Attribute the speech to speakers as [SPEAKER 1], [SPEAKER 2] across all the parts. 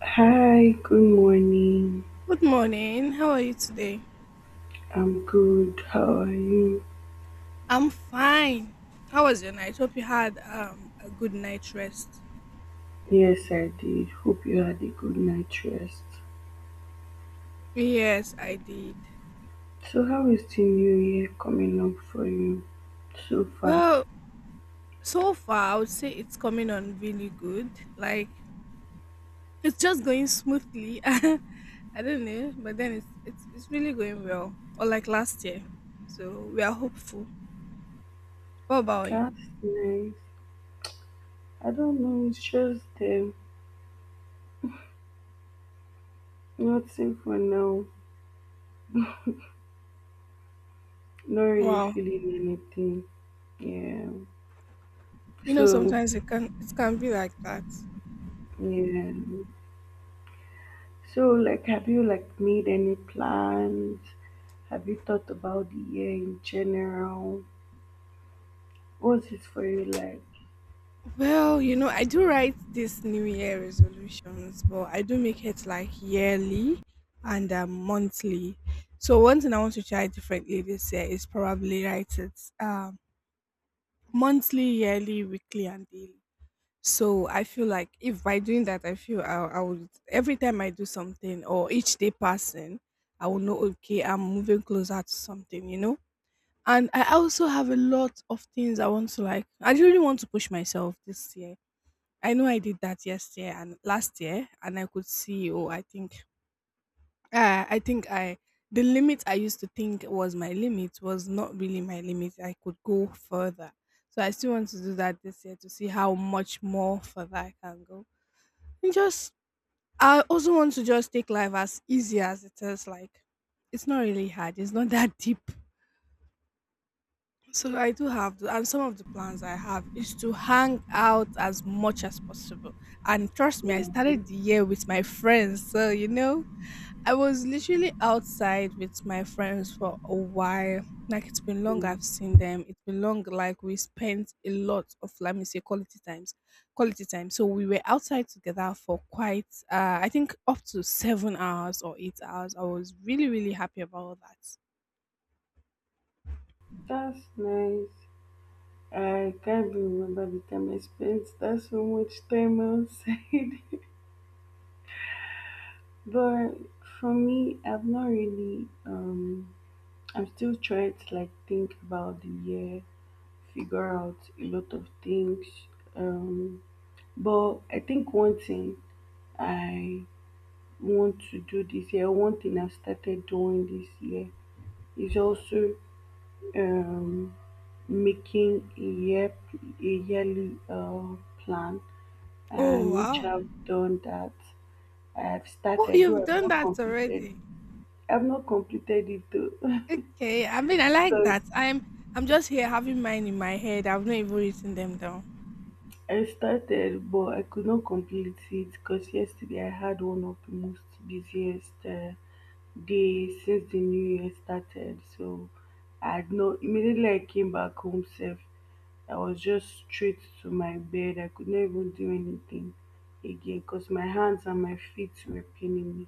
[SPEAKER 1] Hi, good morning.
[SPEAKER 2] Good morning. How are you today?
[SPEAKER 1] I'm good. How are you?
[SPEAKER 2] I'm fine. How was your night? Hope you had a good night rest.
[SPEAKER 1] Yes, I did. Hope you had a good night's rest.
[SPEAKER 2] Yes, I did.
[SPEAKER 1] So, how is the new year coming up for you so far?
[SPEAKER 2] Well, so far I would say it's coming on really good. Like it's just going smoothly. I don't know, but then it's really going well. Or like last year. So we are hopeful. What about you?
[SPEAKER 1] That's nice. I don't know, it's just nothing for now. Not really
[SPEAKER 2] Wow.
[SPEAKER 1] feeling anything. Yeah.
[SPEAKER 2] You know
[SPEAKER 1] So,
[SPEAKER 2] sometimes it can be like that.
[SPEAKER 1] yeah. So, like, have you like made any plans? Have you thought about the year in general? What is it for you like?
[SPEAKER 2] Well, you know, I do write this New Year resolutions, but I do make it like yearly and monthly. So one thing I want to try differently this year is probably write it um, monthly, yearly, weekly, and daily. So I feel like if by doing that, I feel I would every time I do something or each day passing, I will know okay, I'm moving closer to something, you know. And I also have a lot of things I want to like. I really want to push myself this year. I know I did that yesterday and last year, and I could see. Oh, I think, I think I the limit I used to think was my limit was not really my limit. I could go further, so I still want to do that this year to see how much more further I can go. And just, I also want to just take life as easy as it is. Like, it's not really hard. It's not that deep. So I do have, and some of the plans I have is to hang out as much as possible. And trust me, I started the year with my friends. So, you know, I was literally outside with my friends for a while. Like it's been long
[SPEAKER 1] Yeah,
[SPEAKER 2] I've seen them. It's been long like we spent a lot of, let me say, quality times. Quality time. So we were outside together for quite I think up to 7 hours or 8 hours. I was really, really happy about that.
[SPEAKER 1] that's nice. I can't be remember the time I spent that so much time outside. but for me, I've not really. I'm still trying to like think about the year, figure out a lot of things. Um, but I think one thing I want to do this year, one thing I've started doing this year is also um making a year, a yearly plan,
[SPEAKER 2] Oh,
[SPEAKER 1] and which
[SPEAKER 2] wow.
[SPEAKER 1] I've done that. I've
[SPEAKER 2] Oh,
[SPEAKER 1] started, though
[SPEAKER 2] you've done that already.
[SPEAKER 1] I've not completed it though.
[SPEAKER 2] Okay, I mean, I like
[SPEAKER 1] because
[SPEAKER 2] that. I'm just here having mine in my head. I've not even written them down.
[SPEAKER 1] I started but I could not complete it, because yesterday I had one of the most busiest day since the new year started. So I had no, immediately I came back home safe. I was just straight to my bed. I could not even do anything again because my hands and my feet were paining me.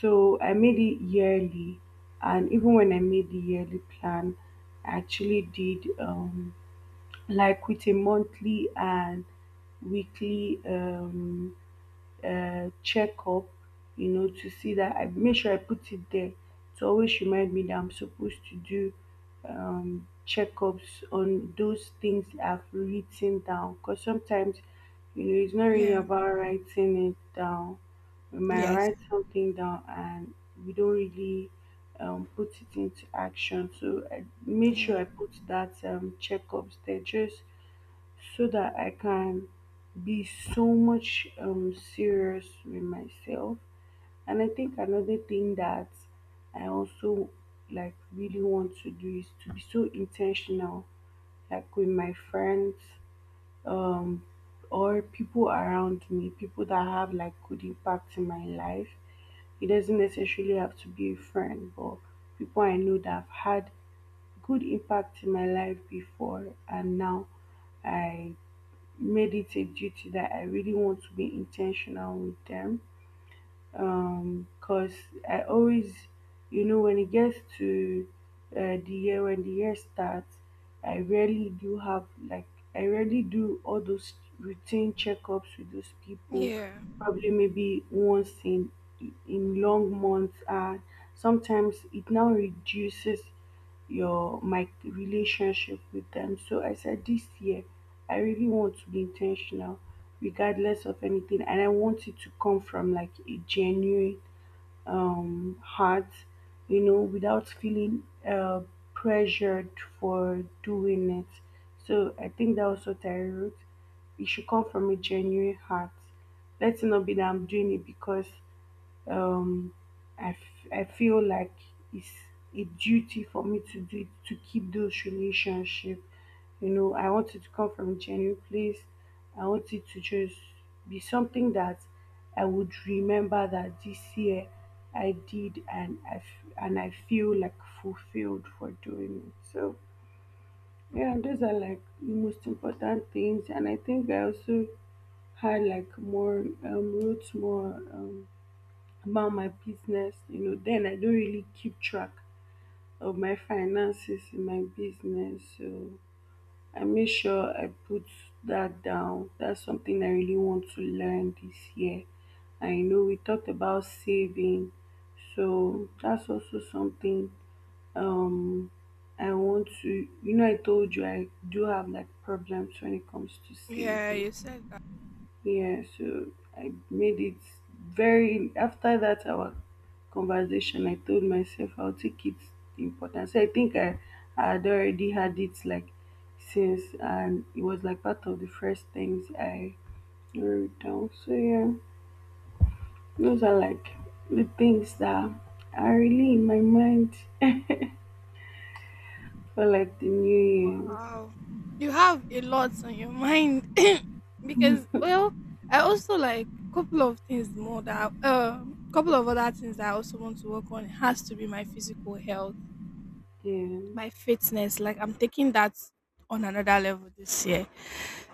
[SPEAKER 1] So I made it yearly, and even when I made the yearly plan, I actually did, like, with a monthly and weekly checkup, you know, to see that I make sure I put it there to always remind me that I'm supposed to do checkups on those things I've written down. Because sometimes, you know, it's not really
[SPEAKER 2] Yeah.
[SPEAKER 1] about writing it down. We might
[SPEAKER 2] Yes.
[SPEAKER 1] write something down and we don't really put it into action. So I made sure
[SPEAKER 2] Yeah.
[SPEAKER 1] I put that, checkups there, just so that I can be so much serious with myself. And I think another thing that I also like really want to do is to be so intentional, like with my friends, um, or people around me, people that have like good impact in my life. It doesn't necessarily have to be a friend, but people I know that have had good impact in my life before and now I made it a duty that I really want to be intentional with them. Cause I always, you know, when it gets to the year, when the year starts, I rarely do have, like, I rarely do all those routine checkups with those people.
[SPEAKER 2] Yeah.
[SPEAKER 1] Probably maybe once in long months, and sometimes it now reduces your my relationship with them. So I said this year I really want to be intentional regardless of anything, and I want it to come from like a genuine heart, you know, without feeling pressured for doing it. So I think that was what I wrote. It should come from a genuine heart. Let's not be that I'm doing it because um I feel like it's a duty for me to do, to keep those relationship. You know, I want it to come from a genuine place. I want it to just be something that I would remember that this year I did, and and I feel like fulfilled for doing it. So yeah, those are like the most important things. And I think I also had like more, wrote more, about my business. You know, then I don't really keep track of my finances in my business, so I make sure I put that down. That's something I really want to learn this year. I know we talked about saving, so that's also something, um I want to, you know, I told you I do have like problems when it comes to
[SPEAKER 2] Yeah,
[SPEAKER 1] saving.
[SPEAKER 2] you said that.
[SPEAKER 1] Yeah, so I made it very. After that our conversation, I told myself I'll take it important. So I think I had already had it like since, and it was like part of the first things I wrote down. So yeah. Those are like the things that are really in my mind for like the new
[SPEAKER 2] Wow. You have a lot on your mind. Because well, I also like couple of things more that couple of other things that I also want to work on. It has to be my physical health,
[SPEAKER 1] year.
[SPEAKER 2] my fitness. Like I'm taking that on another level this year.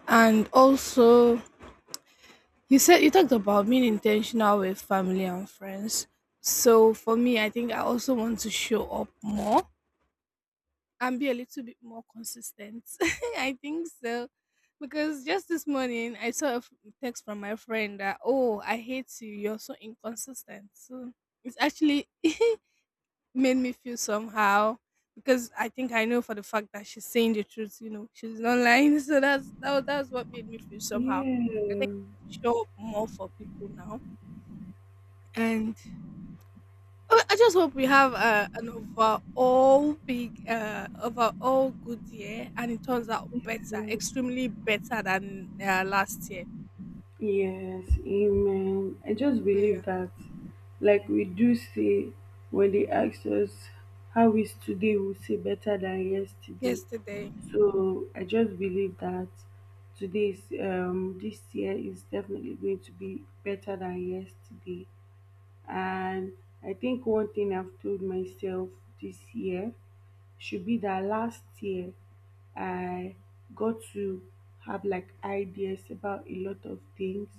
[SPEAKER 2] And also, you said you talked about being intentional with family and friends. So for me, I think I also want to show up more and be a little bit more consistent. I think so. Because just this morning, I saw a f- text from my friend that, oh, I hate you. You're so inconsistent. So it's actually made me feel somehow because I think I know for the fact that she's saying the truth, you know, she's not lying. So that's what made me feel somehow. I think I
[SPEAKER 1] Yeah.
[SPEAKER 2] show up more for people now, and I just hope we have an overall big, overall good year, and it turns out better,
[SPEAKER 1] Yeah.
[SPEAKER 2] extremely better than last year.
[SPEAKER 1] Yes, amen. I just
[SPEAKER 2] Yeah.
[SPEAKER 1] believe that, like we do say, when they ask us how is today, we say better than yesterday.
[SPEAKER 2] Yesterday,
[SPEAKER 1] So I just believe that today's this year is definitely going to be better than yesterday. And I think one thing I've told myself this year should be that last year I got to have like ideas about a lot of things.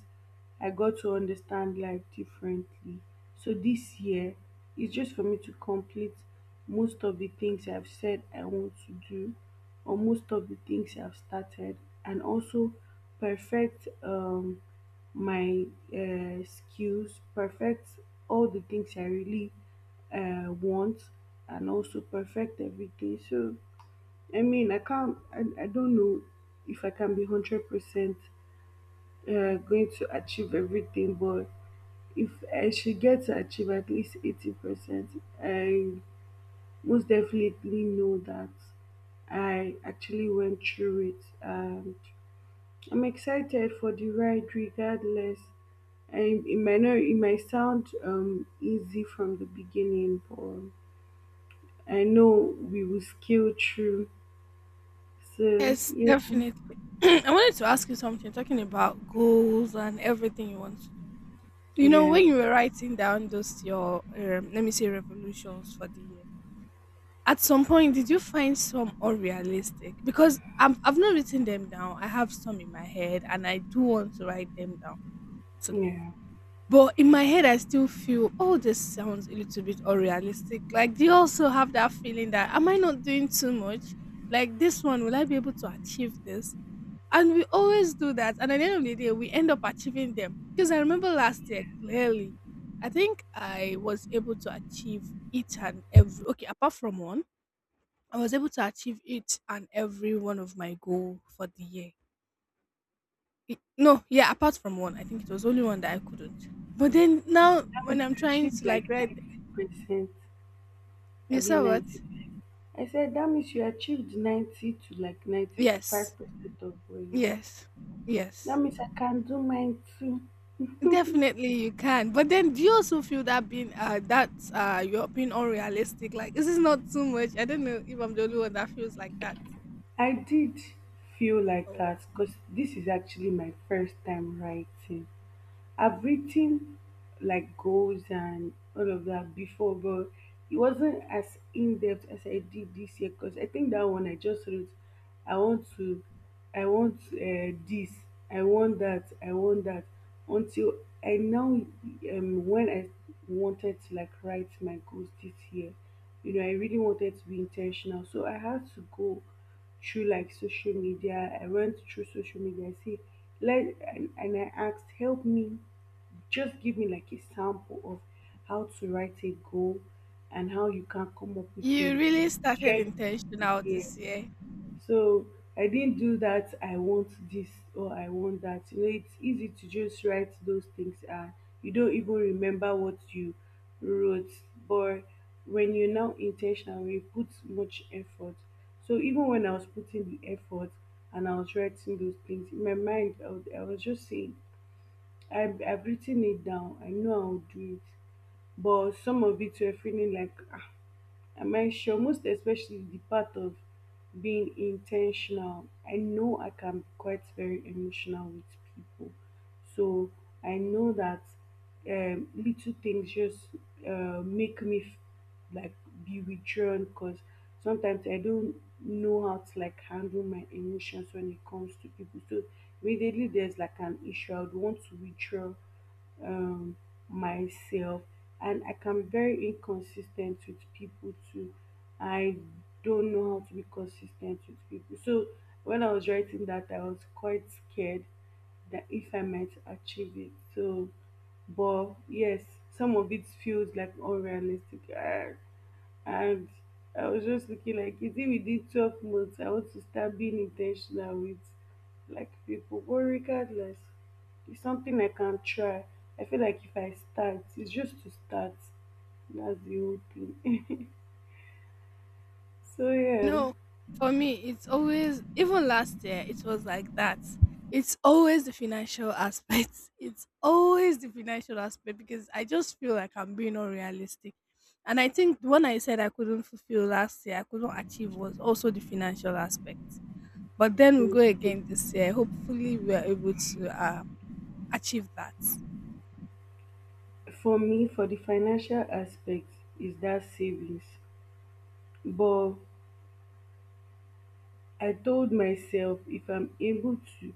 [SPEAKER 1] I got to understand life differently. So this year is just for me to complete most of the things I've said I want to do, or most of the things I've started, and also perfect, my skills, perfect all the things I really want, and also perfect everything. So, I mean, I can't, I don't know if I can be 100% going to achieve everything, but if I should get to achieve at least 80%, I most definitely know that I actually went through it. And I'm excited for the ride regardless. And it might not, it might sound easy from the beginning, but I know we will scale through. So
[SPEAKER 2] yes,
[SPEAKER 1] yeah,
[SPEAKER 2] definitely. I wanted to ask you something, talking about goals and everything you want to do. So, you know,
[SPEAKER 1] yeah,
[SPEAKER 2] when you were writing down those your, let me say, revolutions for the year, at some point, did you find some unrealistic? Because I've not written them down. I have some in my head and I do want to write them down today.
[SPEAKER 1] yeah.
[SPEAKER 2] But in my head, I still feel, oh, this sounds a little bit unrealistic. Like, do you also have that feeling that, am I not doing too much? Like, this one, will I be able to achieve this? And we always do that. And at the end of the day, we end up achieving them. Because I remember last year clearly, I think I was able to achieve each and every, okay, apart from one, I was able to achieve each and every one of my goal for the year. It- no, yeah, apart from one, I think it was only one that I couldn't. But then now,
[SPEAKER 1] That
[SPEAKER 2] when
[SPEAKER 1] means
[SPEAKER 2] I'm
[SPEAKER 1] you
[SPEAKER 2] trying
[SPEAKER 1] achieved
[SPEAKER 2] to
[SPEAKER 1] like
[SPEAKER 2] like write,
[SPEAKER 1] 90%. I
[SPEAKER 2] you
[SPEAKER 1] be
[SPEAKER 2] saw what?
[SPEAKER 1] 90%. I said that means you achieved 90 to like ninety five
[SPEAKER 2] Yes,
[SPEAKER 1] percent of what you need.
[SPEAKER 2] yes,
[SPEAKER 1] That
[SPEAKER 2] yes.
[SPEAKER 1] means I can do mine too.
[SPEAKER 2] Definitely, you can. But then, do you also feel that being that you're being unrealistic? Like, is this not too much? I don't know if I'm the only one that feels like that.
[SPEAKER 1] I did feel like
[SPEAKER 2] Or
[SPEAKER 1] that because this is actually my first time writing. I've written like goals and all of that before, but it wasn't as in depth as I did this year, because I think that one I just wrote, I want to, I want this, I want that, until I now, when I wanted to like write my goals this year, you know, I really wanted to be intentional, so I had to go through like social media. I went through social media. I see, let and I asked, help me, just give me like a sample of how to write a goal and how you can come up with
[SPEAKER 2] you
[SPEAKER 1] a
[SPEAKER 2] really started
[SPEAKER 1] shared.
[SPEAKER 2] intentional
[SPEAKER 1] Yeah,
[SPEAKER 2] this year.
[SPEAKER 1] so I didn't do that, I want this, or I want that. You know, it's easy to just write those things and you don't even remember what you wrote. But when you're now intentional, when you put much effort. So even when I was putting the effort and I was writing those things, in my mind, I was just saying, I've written it down. I know I'll do it. But some of it were feeling like, ah, am I sure, most especially the part of being intentional. I know I can be quite very emotional with people, so I know that, little things just make me like be withdrawn, because sometimes I don't know how to like handle my emotions when it comes to people. So immediately there's like an issue, I would want to withdraw um, myself, and I can be very inconsistent with people too. I don't know how to be consistent with people. So when I was writing that, I was quite scared that if I might achieve it. So, but yes, some of it feels like unrealistic. And I was just looking like, is it within 12 months? I want to start being intentional with like people. But regardless, it's something I can try. I feel like if I start, it's just to start. That's the whole thing. so yeah,
[SPEAKER 2] No, for me, it's always, even last year, it was like that. It's always the financial aspect. It's always the financial aspect because I just feel like I'm being unrealistic. And I think when I said I couldn't fulfill last year, I couldn't achieve was also the financial aspect. But then we go again
[SPEAKER 1] mm.
[SPEAKER 2] this year. Hopefully, we are able to achieve that.
[SPEAKER 1] For me, for the financial aspect, is that savings. But I told myself if I'm able to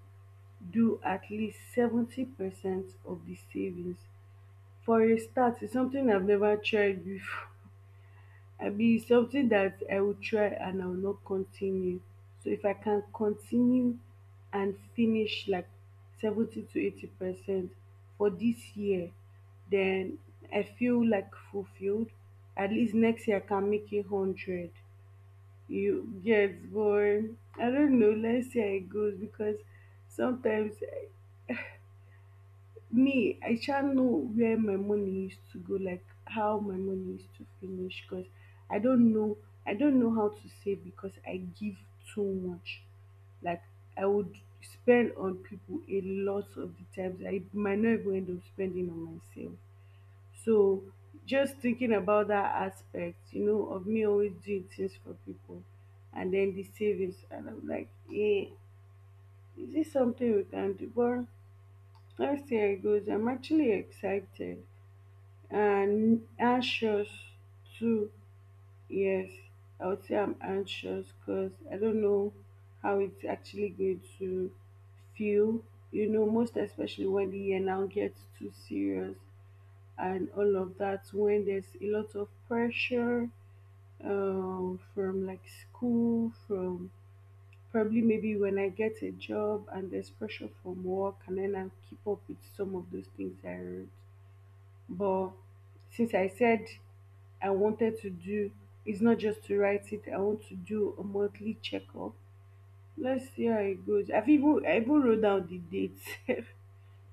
[SPEAKER 1] do at least 70% of the savings, for a start it's something I've never tried before. I mean, it's something that I will try and I will not continue. So if I can continue and finish like 70 to 80% for this year, then I feel like fulfilled. At least next year I can make it 100. You get, but I don't know. Let's see how it goes, because sometimes me I sha know where my money is to go, like how my money is to finish, because i don't know I don't know how to save, because I give too much, like I would spend on people a lot of the times, I might not even end up spending on myself. So just thinking about that aspect, you know, of me always doing things for people, and then the savings, and I'm like, eh, is this something we can do? But let's see how it goes. I'm actually excited and anxious too. Yes, I would say I'm anxious because I don't know how it's actually going to feel. Most especially when the year now gets too serious and all of that, when there's a lot of pressure from like school, from probably maybe when I get a job and there's pressure from work and then I keep up with some of those things I wrote. But since I said I wanted to do, it's not just to write it, I want to do a monthly checkup. Let's see how it goes. I even wrote down the date,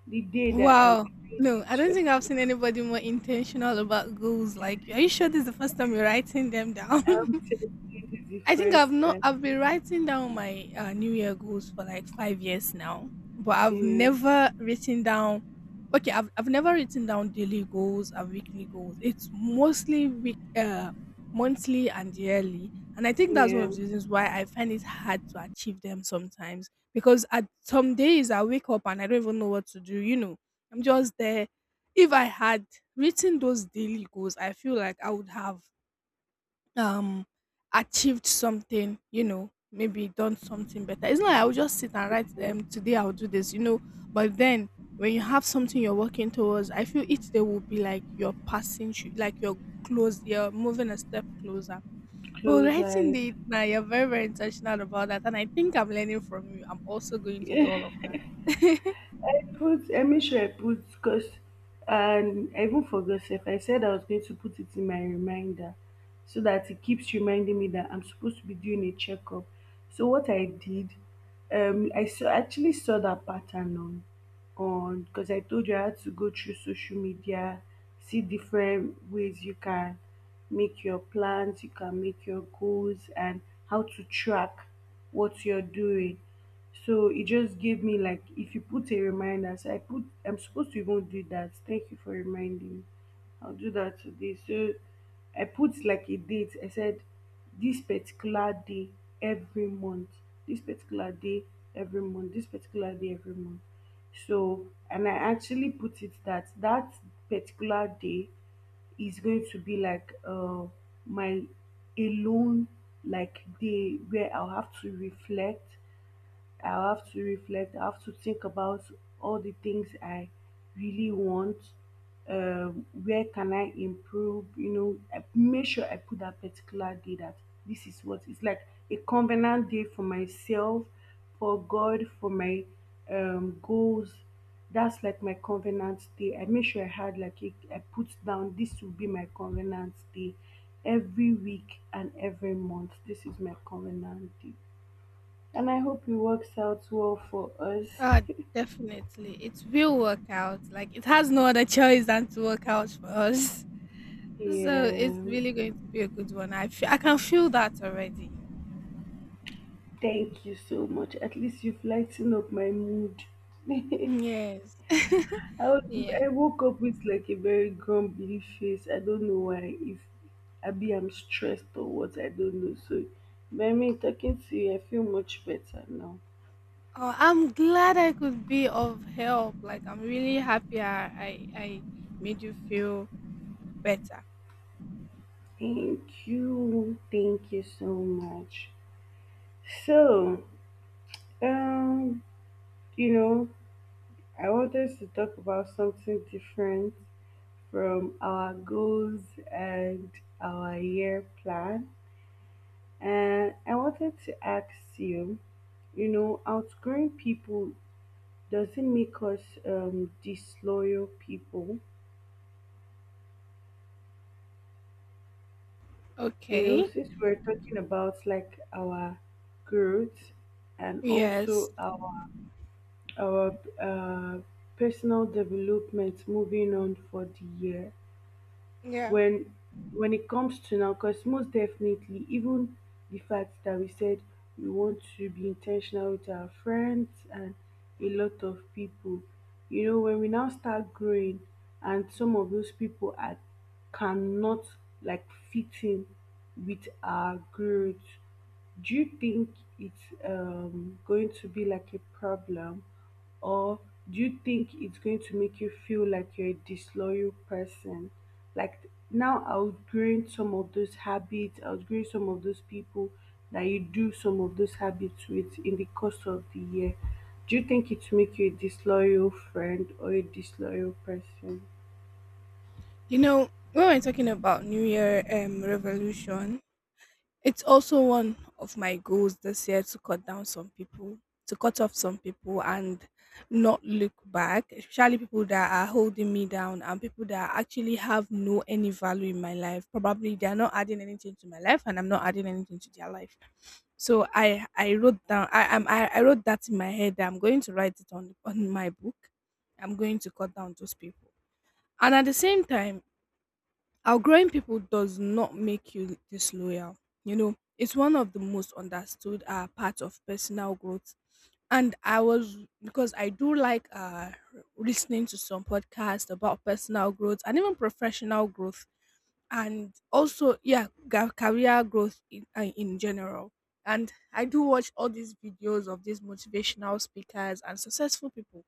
[SPEAKER 1] the day that I'll
[SPEAKER 2] Wow.
[SPEAKER 1] be doing
[SPEAKER 2] No,
[SPEAKER 1] the
[SPEAKER 2] I don't think I've seen
[SPEAKER 1] checkup.
[SPEAKER 2] anybody more intentional about goals. Like, are you sure this is the first time you're writing them down?
[SPEAKER 1] I'm telling you, this is the
[SPEAKER 2] I think
[SPEAKER 1] first
[SPEAKER 2] I've not. I've
[SPEAKER 1] time.
[SPEAKER 2] been writing down my New Year goals for like 5 years now, but I've
[SPEAKER 1] Yeah,
[SPEAKER 2] never written down. Okay, I've never written down daily goals and weekly goals. It's mostly monthly and yearly, and I think that's one
[SPEAKER 1] yeah.
[SPEAKER 2] of the reasons why I find it hard to achieve them sometimes. Because at some days I wake up and I don't even know what to do. You know, I'm just there. If I had written those daily goals, I feel like I would have um achieved something, you know, maybe done something better. It's not like I will just sit and write, today I'll do this, you know. But then when you have something you're working towards, I feel each day will be like like you're close, you're moving a step closer. But
[SPEAKER 1] Close
[SPEAKER 2] writing
[SPEAKER 1] eye.
[SPEAKER 2] the now, you're very, very intentional about that, and I think I'm learning from you. I'm also going to do all of that.
[SPEAKER 1] I made sure I put because and I even forgot. If I said I was going to put it in my reminder so that it keeps reminding me that I'm supposed to be doing a checkup. So what I did, I saw actually saw that pattern on because I told you I had to go through social media, see different ways you can make your plans, you can make your goals, and how to track what you're doing. So it just gave me like if you put a reminder, so I put I'm supposed to even do that. Thank you for reminding me. I'll do that today. So I put like a date. I said this particular day every month. This particular day every month. This particular day every month. So and I actually put it that that particular day is going to be like my alone, like day where I'll have to reflect. I have to think about all the things I really want. Where can I improve? I make sure I put that particular day that this is what it's like, a covenant day for myself, for God, for my goals. That's like my covenant day. I make sure I had like a, I put down this will be my covenant day every week and every month. This is my covenant day. And I hope it works out well for us.
[SPEAKER 2] uh definitely it will work out. Like it has no other choice than to work out for us. So it's
[SPEAKER 1] Yeah.
[SPEAKER 2] really going to be a good one. I feel, I can feel that already.
[SPEAKER 1] Thank you so much. At least you've lightened up my mood. I
[SPEAKER 2] Yes.
[SPEAKER 1] was
[SPEAKER 2] Yeah.
[SPEAKER 1] I woke up with like a very grumpy face. I don't know why. If Abby I'm stressed or what, I don't know. So by me talking to you, I feel much better now.
[SPEAKER 2] Oh, I'm glad I could be of help. Like I'm really happy I made you feel better.
[SPEAKER 1] Thank you. Thank you so much. So, um, you know, I wanted to talk about something different from our goals and our year plan. And I wanted to ask you, outgrowing people doesn't make us disloyal people. You know,
[SPEAKER 2] Okay.
[SPEAKER 1] since we're talking about like our growth and
[SPEAKER 2] Yes.
[SPEAKER 1] also our personal development moving on for the year.
[SPEAKER 2] Yeah.
[SPEAKER 1] when when it comes to now, because most definitely, even the fact that we said we want to be intentional with our friends and a lot of people, when we now start growing and some of those people are cannot like fit in with our growth, do you think it's going to be like a problem, or do you think it's going to make you feel like you're a disloyal person? Like now outgrowing some of those habits, outgrowing some of those people that you do some of those habits with in the course of the year. Do you think it will make you a disloyal friend or a disloyal person?
[SPEAKER 2] You know, when we're talking about New Year revolution, it's also one of my goals this year to cut down some people, to cut off some people and not look back, especially people that are holding me down and people that actually have no any value in my life. Probably they are not adding anything to my life and I'm not adding anything to their life. So I wrote down I wrote that in my head, that I'm going to write it on my book. I'm going to cut down those people. And at the same time, outgrowing people does not make you disloyal. You know, it's one of the most understood parts of personal growth. And I was, because I do like listening to some podcasts about personal growth and even professional growth, and also yeah, career growth in general. And I do watch all these videos of these motivational speakers and successful people,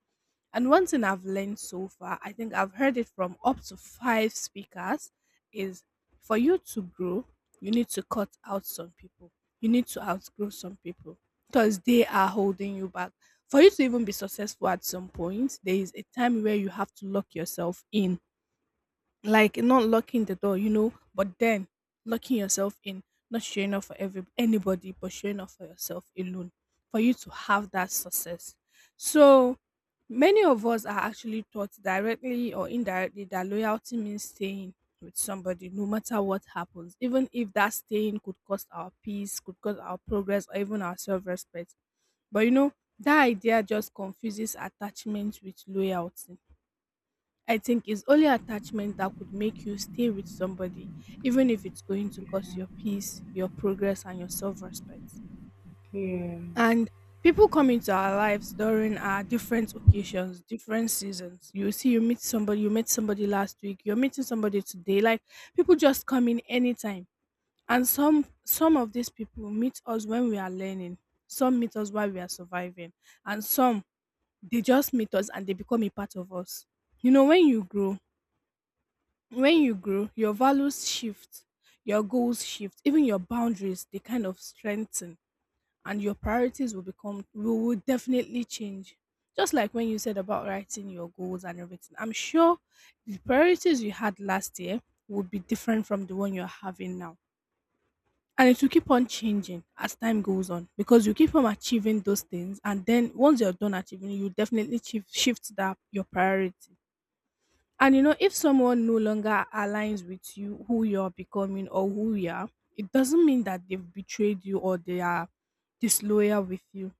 [SPEAKER 2] and one thing I've learned so far, I think I've heard it from up to five speakers, is for you to grow, you need to cut out some people. You need to outgrow some people because they are holding you back. For you to even be successful at some point, there is a time where you have to lock yourself in, like not locking the door, you know, but then locking yourself in, not showing up for every anybody, but showing up for yourself alone, for you to have that success. So many of us are actually taught directly or indirectly that loyalty means staying with somebody no matter what happens, even if that staying could cost our peace, could cost our progress, or even our self respect. But you know, that idea just confuses attachment with loyalty. I think it's only attachment that could make you stay with somebody, even if it's going to cost your peace, your progress, and your self respect.
[SPEAKER 1] Yeah,
[SPEAKER 2] And people come into our lives during our different occasions, different seasons. You see, you meet somebody, you met somebody last week, you're meeting somebody today. Like people just come in anytime. And some of these people meet us when we are learning, some meet us while we are surviving, and some they just meet us and they become a part of us. You know, when you grow your values shift, your goals shift, even your boundaries they kind of strengthen, and your priorities will become will definitely change. Just like when you said about writing your goals and everything, I'm sure the priorities you had last year will be different from the one you're having now, and it will keep on changing as time goes on because you keep on achieving those things, and then once you're done achieving you definitely shift that your priority. And you know, if someone no longer aligns with you, who you're becoming or who you are, it doesn't mean that they've betrayed you or they are disloyal with you.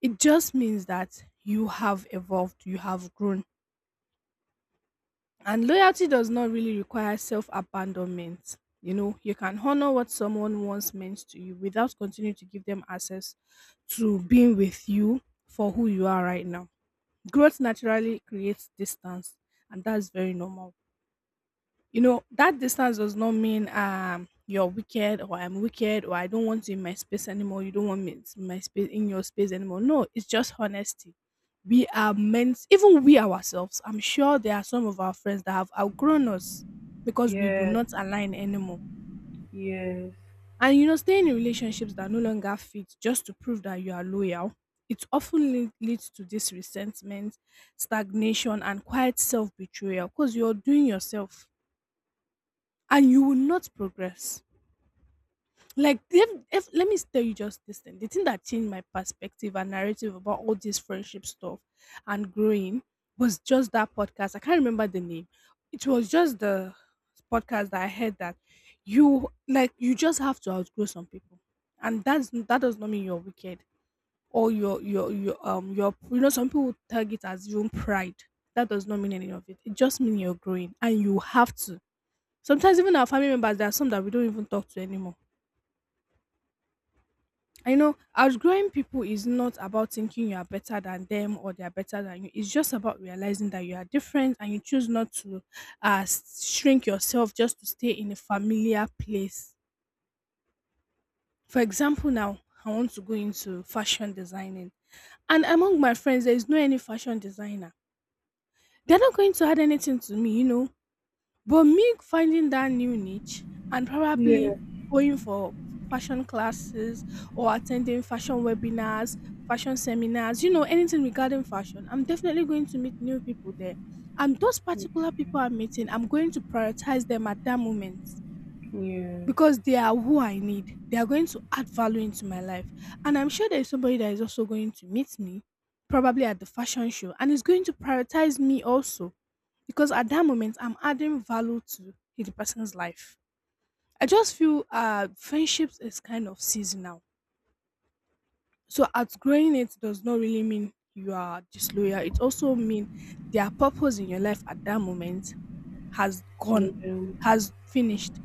[SPEAKER 2] It just means that you have evolved, you have grown. And loyalty does not really require self abandonment. You know, you can honor what someone once meant to you without continuing to give them access to being with you for who you are right now. Growth naturally creates distance, and that's very normal. You know that distance does not mean you're wicked or I'm wicked or I don't want you in my space anymore, you don't want me in my space, in your space anymore. No, it's just honesty. We are meant, even we ourselves, I'm sure there are some of our friends that have outgrown us because we do
[SPEAKER 1] yeah,
[SPEAKER 2] not align anymore.
[SPEAKER 1] yes,
[SPEAKER 2] And you know staying in relationships that no longer fit just to prove that you are loyal, it often leads to this resentment, stagnation and quiet self-betrayal, because you're doing yourself and you will not progress. Like if let me tell you just this thing. The thing that changed my perspective and narrative about all this friendship stuff and growing was just that podcast. I can't remember the name. It was just the podcast that I heard that you just have to outgrow some people. And that's, that does not mean you're wicked or your you know some people tag it as your own pride. That does not mean any of it. It just means you're growing and you have to. Sometimes even our family members, there are some that we don't even talk to anymore. I know outgrowing people is not about thinking you are better than them or they are better than you. It's just about realizing that you are different and you choose not to shrink yourself just to stay in a familiar place. For example, now I want to go into fashion designing, and among my friends, there is no any fashion designer. They're not going to add anything to me, you know. But me finding that new niche and
[SPEAKER 1] yeah,
[SPEAKER 2] probably
[SPEAKER 1] yes,
[SPEAKER 2] going for fashion classes, or attending fashion webinars, fashion seminars, you know, anything regarding fashion, I'm definitely going to meet new people there. And those particular people I'm meeting, I'm going to prioritize them at that moment
[SPEAKER 1] yeah,
[SPEAKER 2] because they are who I need. They are going to add value into my life. And I'm sure there's somebody that is also going to meet me, probably at the fashion show, and is going to prioritize me also. Because at that moment, I'm adding value to the person's life. I just feel friendships is kind of seasonal. So outgrowing it does not really mean you are disloyal. It also means their purpose in your life at that moment has gone, has finished,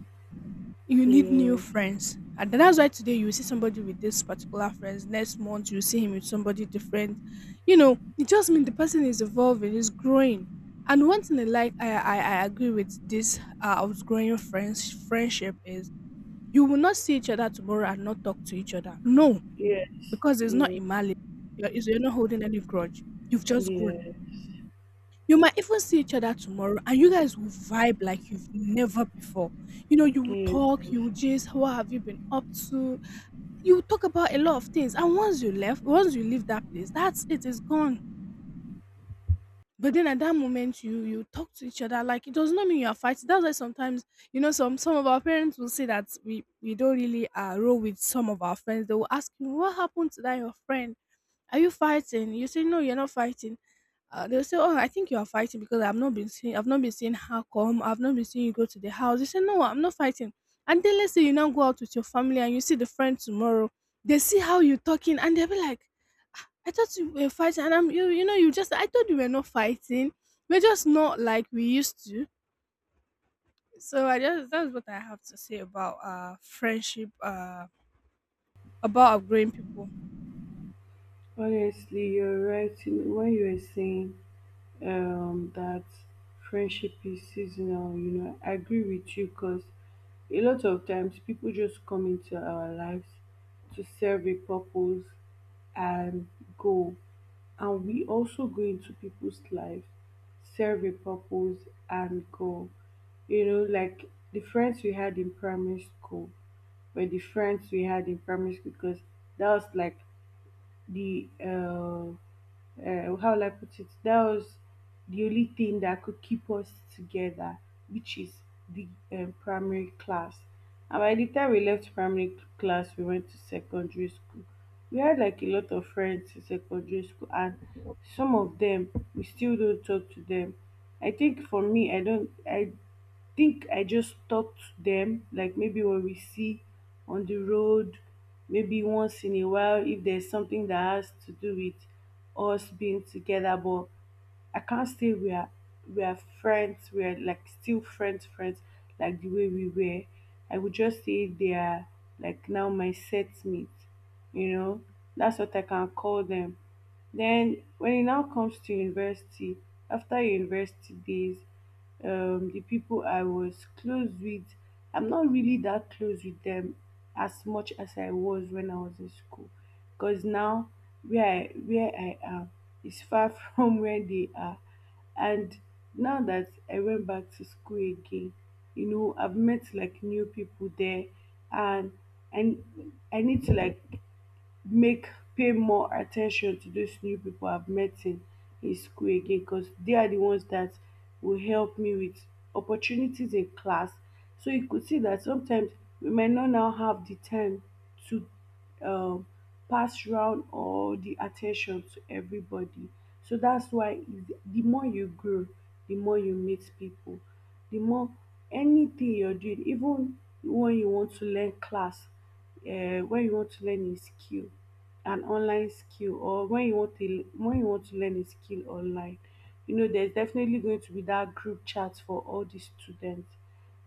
[SPEAKER 2] you need new
[SPEAKER 1] yeah,
[SPEAKER 2] friends. And then that's why today you will see somebody with this particular friends. Next month you will see him with somebody different. You know, it just means the person is evolving, is growing. And one thing I like, I agree with this outgrowing friendship is, you will not see each other tomorrow and not talk to each other. No,
[SPEAKER 1] yes,
[SPEAKER 2] because it's not a
[SPEAKER 1] yes,
[SPEAKER 2] malice. You're not holding any grudge. You've just grown.
[SPEAKER 1] yes,
[SPEAKER 2] You might even see each other tomorrow and you guys will vibe like you've never before. You know, you will
[SPEAKER 1] yes.
[SPEAKER 2] talk, you will just, what have you been up to? You will talk about a lot of things. And, once you leave that place, that's it, it's gone. But then at that moment, you talk to each other, like it does not mean you are fighting. That's why sometimes you know some of our parents will say that we don't really roll with some of our friends. They will ask you what happened to that your friend, are you fighting? You say no, you're not fighting. They'll say, "Oh, I think you are fighting because I've not been seeing, how come, I've not been seeing you go to the house." You say, "No, I'm not fighting." And then let's say you now go out with your family and you see the friend tomorrow, they see how you talking and they'll be like, "I thought you were fighting," and I thought you were not fighting. We're just not like we used to. So I just that's what I have to say about friendship, about outgrowing people.
[SPEAKER 1] Honestly, you're right when you were saying that friendship is seasonal. I agree with you because a lot of times people just come into our lives to serve a purpose and go. And we also go into people's lives, serve a purpose, and go. Like the friends we had in primary school were the friends we had in primary school because that was like the how will I put it? That was the only thing that could keep us together, which is the primary class. And by the time we left primary class, we went to secondary school. We had like a lot of friends in secondary school, and some of them we still don't talk to them. I think for me, I don't. I think I just talk to them, like maybe when we see on the road, maybe once in a while, if there's something that has to do with us being together. But I can't say we are friends, we are like still friends, friends, like the way we were. I would just say they are like now my set mate, you know. That's what I can call them. Then when it now comes to university, after university days, the people I was close with, I'm not really that close with them as much as I was when I was in school. Because now where I am, is far from where they are. And now that I went back to school again, I've met like new people there and and I need to like make pay more attention to those new people I've met in school again because they are the ones that will help me with opportunities in class. So you could see that sometimes we might not now have the time to um, pass round all the attention to everybody. So that's why the more you grow, the more you meet people, the more anything you're doing, even when you want to learn class, when you want to learn a skill, an online skill, or when you want to learn a skill online, there's definitely going to be that group chat for all the students.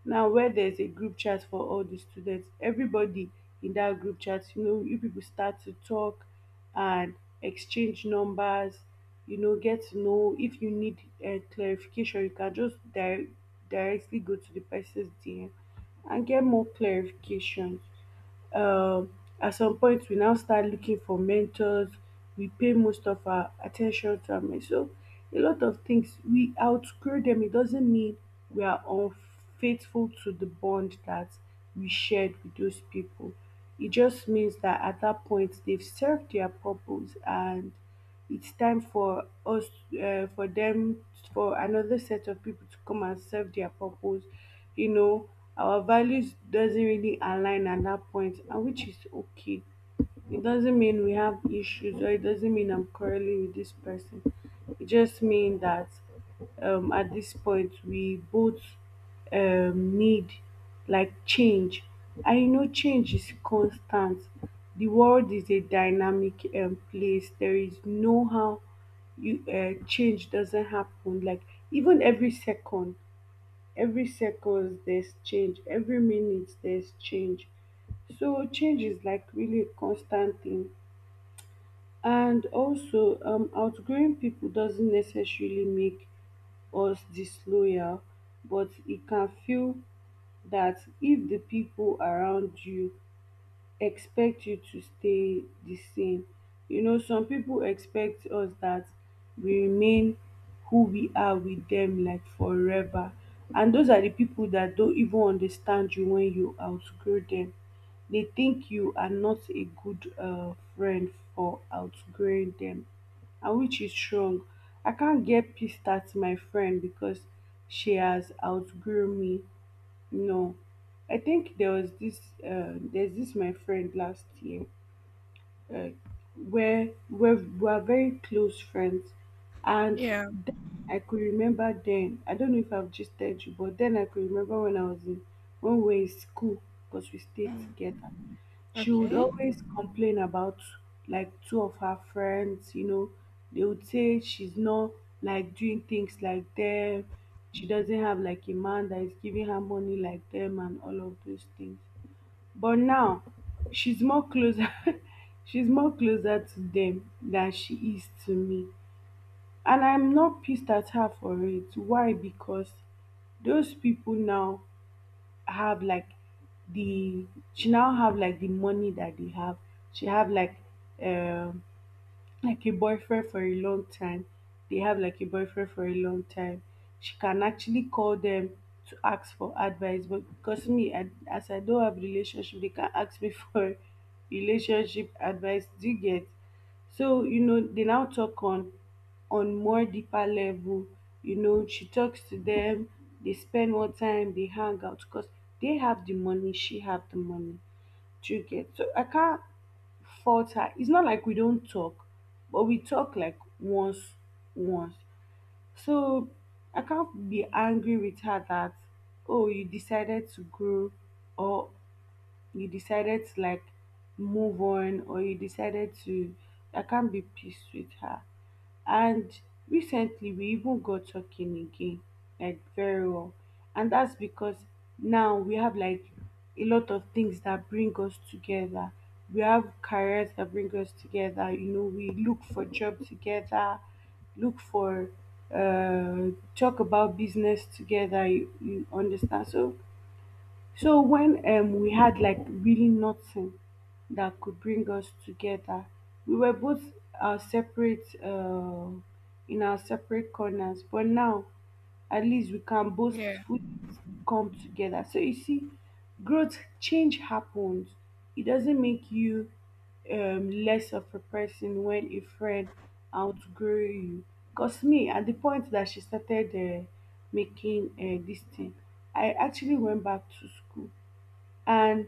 [SPEAKER 1] Now, where there's a group chat for all the students, everybody in that group chat, you people start to talk and exchange numbers, get to know. If you need clarification, you can just directly go to the person's DM and get more clarifications. um at some point, we now start looking for mentors. We pay most of our attention to am. So a lot of things, we outgrow them. It doesn't mean we are unfaithful to the bond that we shared with those people. It just means that at that point they've served their purpose and it's time for them, for another set of people to come and serve their purpose. you know our values doesn't really align at that point, and which is okay. It doesn't mean we have issues, or it doesn't mean I'm quarreling with this person. It just means that at this point we both need, like, change. I know change is constant. The world is a dynamic place. There is no how you change doesn't happen. Like, even every second there's change, every minute there's change. So change is like really a constant thing. And also, outgrowing people doesn't necessarily make us disloyal, but it can feel that if the people around you expect you to stay the same. Some people expect us that we remain who we are with them like forever. And those are the people that don't even understand you when you outgrow them. They think you are not a good friend for outgrowing them, and which is wrong. I can't get pissed at my friend because she has outgrown me. No, I think there was this there's this my friend last year, uh, where we were very close friends. And
[SPEAKER 2] Yeah.
[SPEAKER 1] then I could remember, then I don't know if I've just told you, but then I could remember when I was in when we were in school because we stayed
[SPEAKER 2] Mm.
[SPEAKER 1] together. She would
[SPEAKER 2] Okay.
[SPEAKER 1] always complain about like two of her friends. They would say she's not like doing things like them, she doesn't have like a man that is giving her money like them and all of those things. But now she's more closer she's more closer to them than she is to me. And I'm not pissed at her for it. Why? Because those people now have like the she now have like the money that they have. She have like um a boyfriend for a long time. They have like a boyfriend for a long time. She can actually call them to ask for advice, but because as I don't have relationship, they can ask me for relationship advice. Do you get? So they now talk on more deeper level. She talks to them. They spend more time. They hang out because they have the money. She have the money. Do you get? So I can't falter. It's not like we don't talk, but we talk like once, once. So I can't be angry with her that, oh, you decided to grow, or you decided to like move on, or you decided to I can't be peace with her. And recently we even got talking again, like very well. And that's because now we have like a lot of things that bring us together. We have careers that bring us together. We look for job together, look for uh talk about business together, you understand. So when, we had like really nothing that could bring us together, we were both separate, in our separate corners. But now at least we can both
[SPEAKER 2] Yeah.
[SPEAKER 1] fully come together. So you see, growth change happens. It doesn't make you less of a person when a friend outgrow you. Cause me, at the point that she started making, this thing, I actually went back to school, and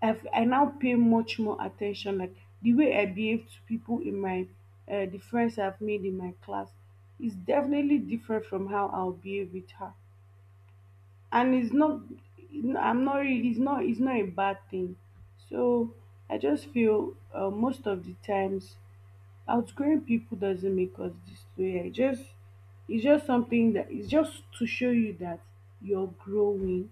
[SPEAKER 1] I now pay much more attention. Like the way I behave to people in my the friends I've made in my class is definitely different from how I'll behave with her. And it's not, it's not a bad thing. So I just feel, most of the times, outgrowing people doesn't make us disloyal. It's just something that, it's just to show you that you're growing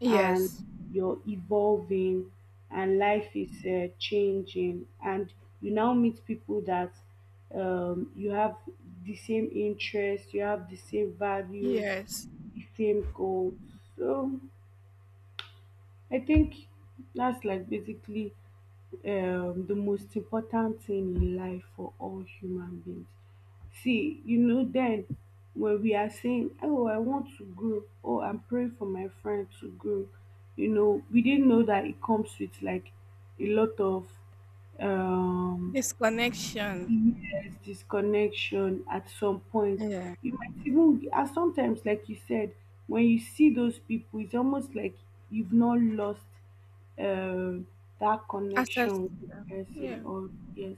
[SPEAKER 2] Yes.
[SPEAKER 1] and you're evolving and life is changing. And you now meet people that you have the same interests, you have the same values,
[SPEAKER 2] Yes,
[SPEAKER 1] the same goals. So I think that's like basically the most important thing in life for all human beings. See, then when we are saying, oh, I want to grow, oh, I'm praying for my friend to grow, we didn't know that it comes with like a lot of um
[SPEAKER 2] this connection.
[SPEAKER 1] yes, disconnection at some point.
[SPEAKER 2] Yeah,
[SPEAKER 1] You might even, and sometimes, like you said, when you see those people, it's almost like you've not lost um that connection
[SPEAKER 2] access.
[SPEAKER 1] with the person,
[SPEAKER 2] Yeah,
[SPEAKER 1] or yes,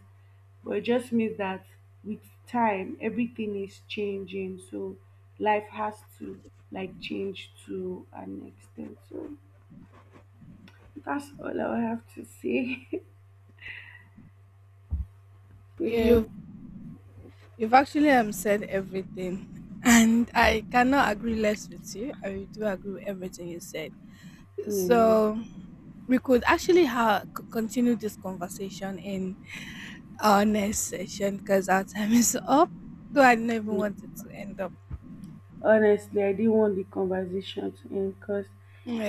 [SPEAKER 1] but it just means that with time, everything is changing. So life has to like change to an extent. So that's all I have to say. Yeah,
[SPEAKER 2] you've you've actually said everything, and I cannot agree less with you. I do agree with everything you said.
[SPEAKER 1] yeah.
[SPEAKER 2] So we could actually continue this conversation in our next session because our time is up. Though I didn't even want it to end up.
[SPEAKER 1] Honestly, I didn't want the conversation to end because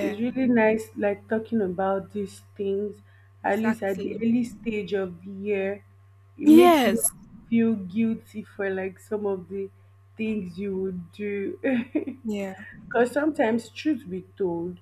[SPEAKER 1] it's really nice, like talking about these things, at least at the
[SPEAKER 2] exactly.
[SPEAKER 1] early stage of the year. It makes you
[SPEAKER 2] Yes.
[SPEAKER 1] not feel guilty for like some of the things you would do.
[SPEAKER 2] Yeah.
[SPEAKER 1] Because sometimes, truth be told,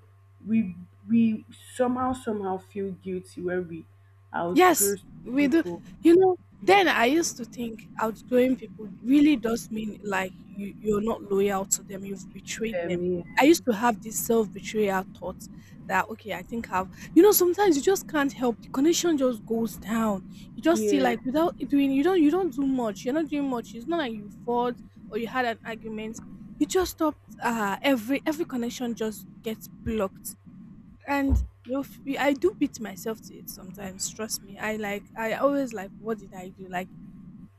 [SPEAKER 1] we we somehow somehow feel guilty when we outgrow
[SPEAKER 2] Yes,
[SPEAKER 1] some
[SPEAKER 2] we do.
[SPEAKER 1] people.
[SPEAKER 2] You know, then I used to think outgoing people really does mean like you're not loyal to them, you've betrayed them.
[SPEAKER 1] Yeah.
[SPEAKER 2] I used to have this self betrayal thought that, okay, I think I've, you know, sometimes you just can't help. The connection just goes down. You just see,
[SPEAKER 1] Yeah.
[SPEAKER 2] like, without it doing, you don't do much. You're not doing much. It's not like you fought or you had an argument. You just stopped. Every connection just gets blocked, and you know, I do beat myself to it sometimes. Trust me, I always like, what did I do? Like,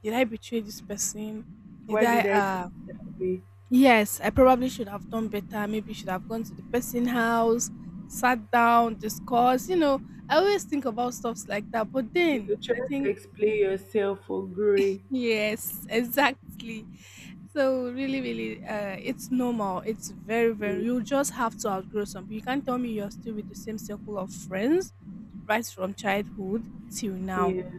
[SPEAKER 2] did I betray this person? Did
[SPEAKER 1] Why
[SPEAKER 2] I?
[SPEAKER 1] did I do it that way?
[SPEAKER 2] Yes, I probably should have done better. Maybe should have gone to the person house, sat down, discussed. You know, I always think about stuffs like that. But then
[SPEAKER 1] You're
[SPEAKER 2] I
[SPEAKER 1] trying to
[SPEAKER 2] think,
[SPEAKER 1] explain yourself for growing.
[SPEAKER 2] yes, exactly. So really, really, it's normal. It's very, very. You
[SPEAKER 1] Mm,
[SPEAKER 2] just have to outgrow some. You can't tell me you're still with the same circle of friends, right from childhood till now.
[SPEAKER 1] yeah,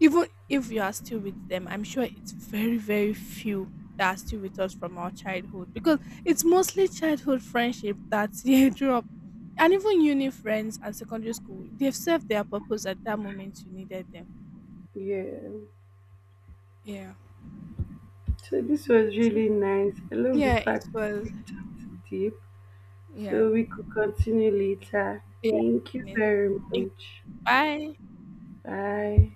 [SPEAKER 2] Even if you are still with them, I'm sure it's very, very few that are still with us from our childhood, because it's mostly childhood friendship that they drop, and even uni friends and secondary school. They've served their purpose at that moment. You needed them.
[SPEAKER 1] yeah.
[SPEAKER 2] Yeah.
[SPEAKER 1] So this was
[SPEAKER 2] So
[SPEAKER 1] really nice. I love the
[SPEAKER 2] yeah, it
[SPEAKER 1] fact we
[SPEAKER 2] was.
[SPEAKER 1] talked deep.
[SPEAKER 2] Yeah.
[SPEAKER 1] So we could continue later. Thank you
[SPEAKER 2] Yeah.
[SPEAKER 1] very much.
[SPEAKER 2] Bye.
[SPEAKER 1] Bye.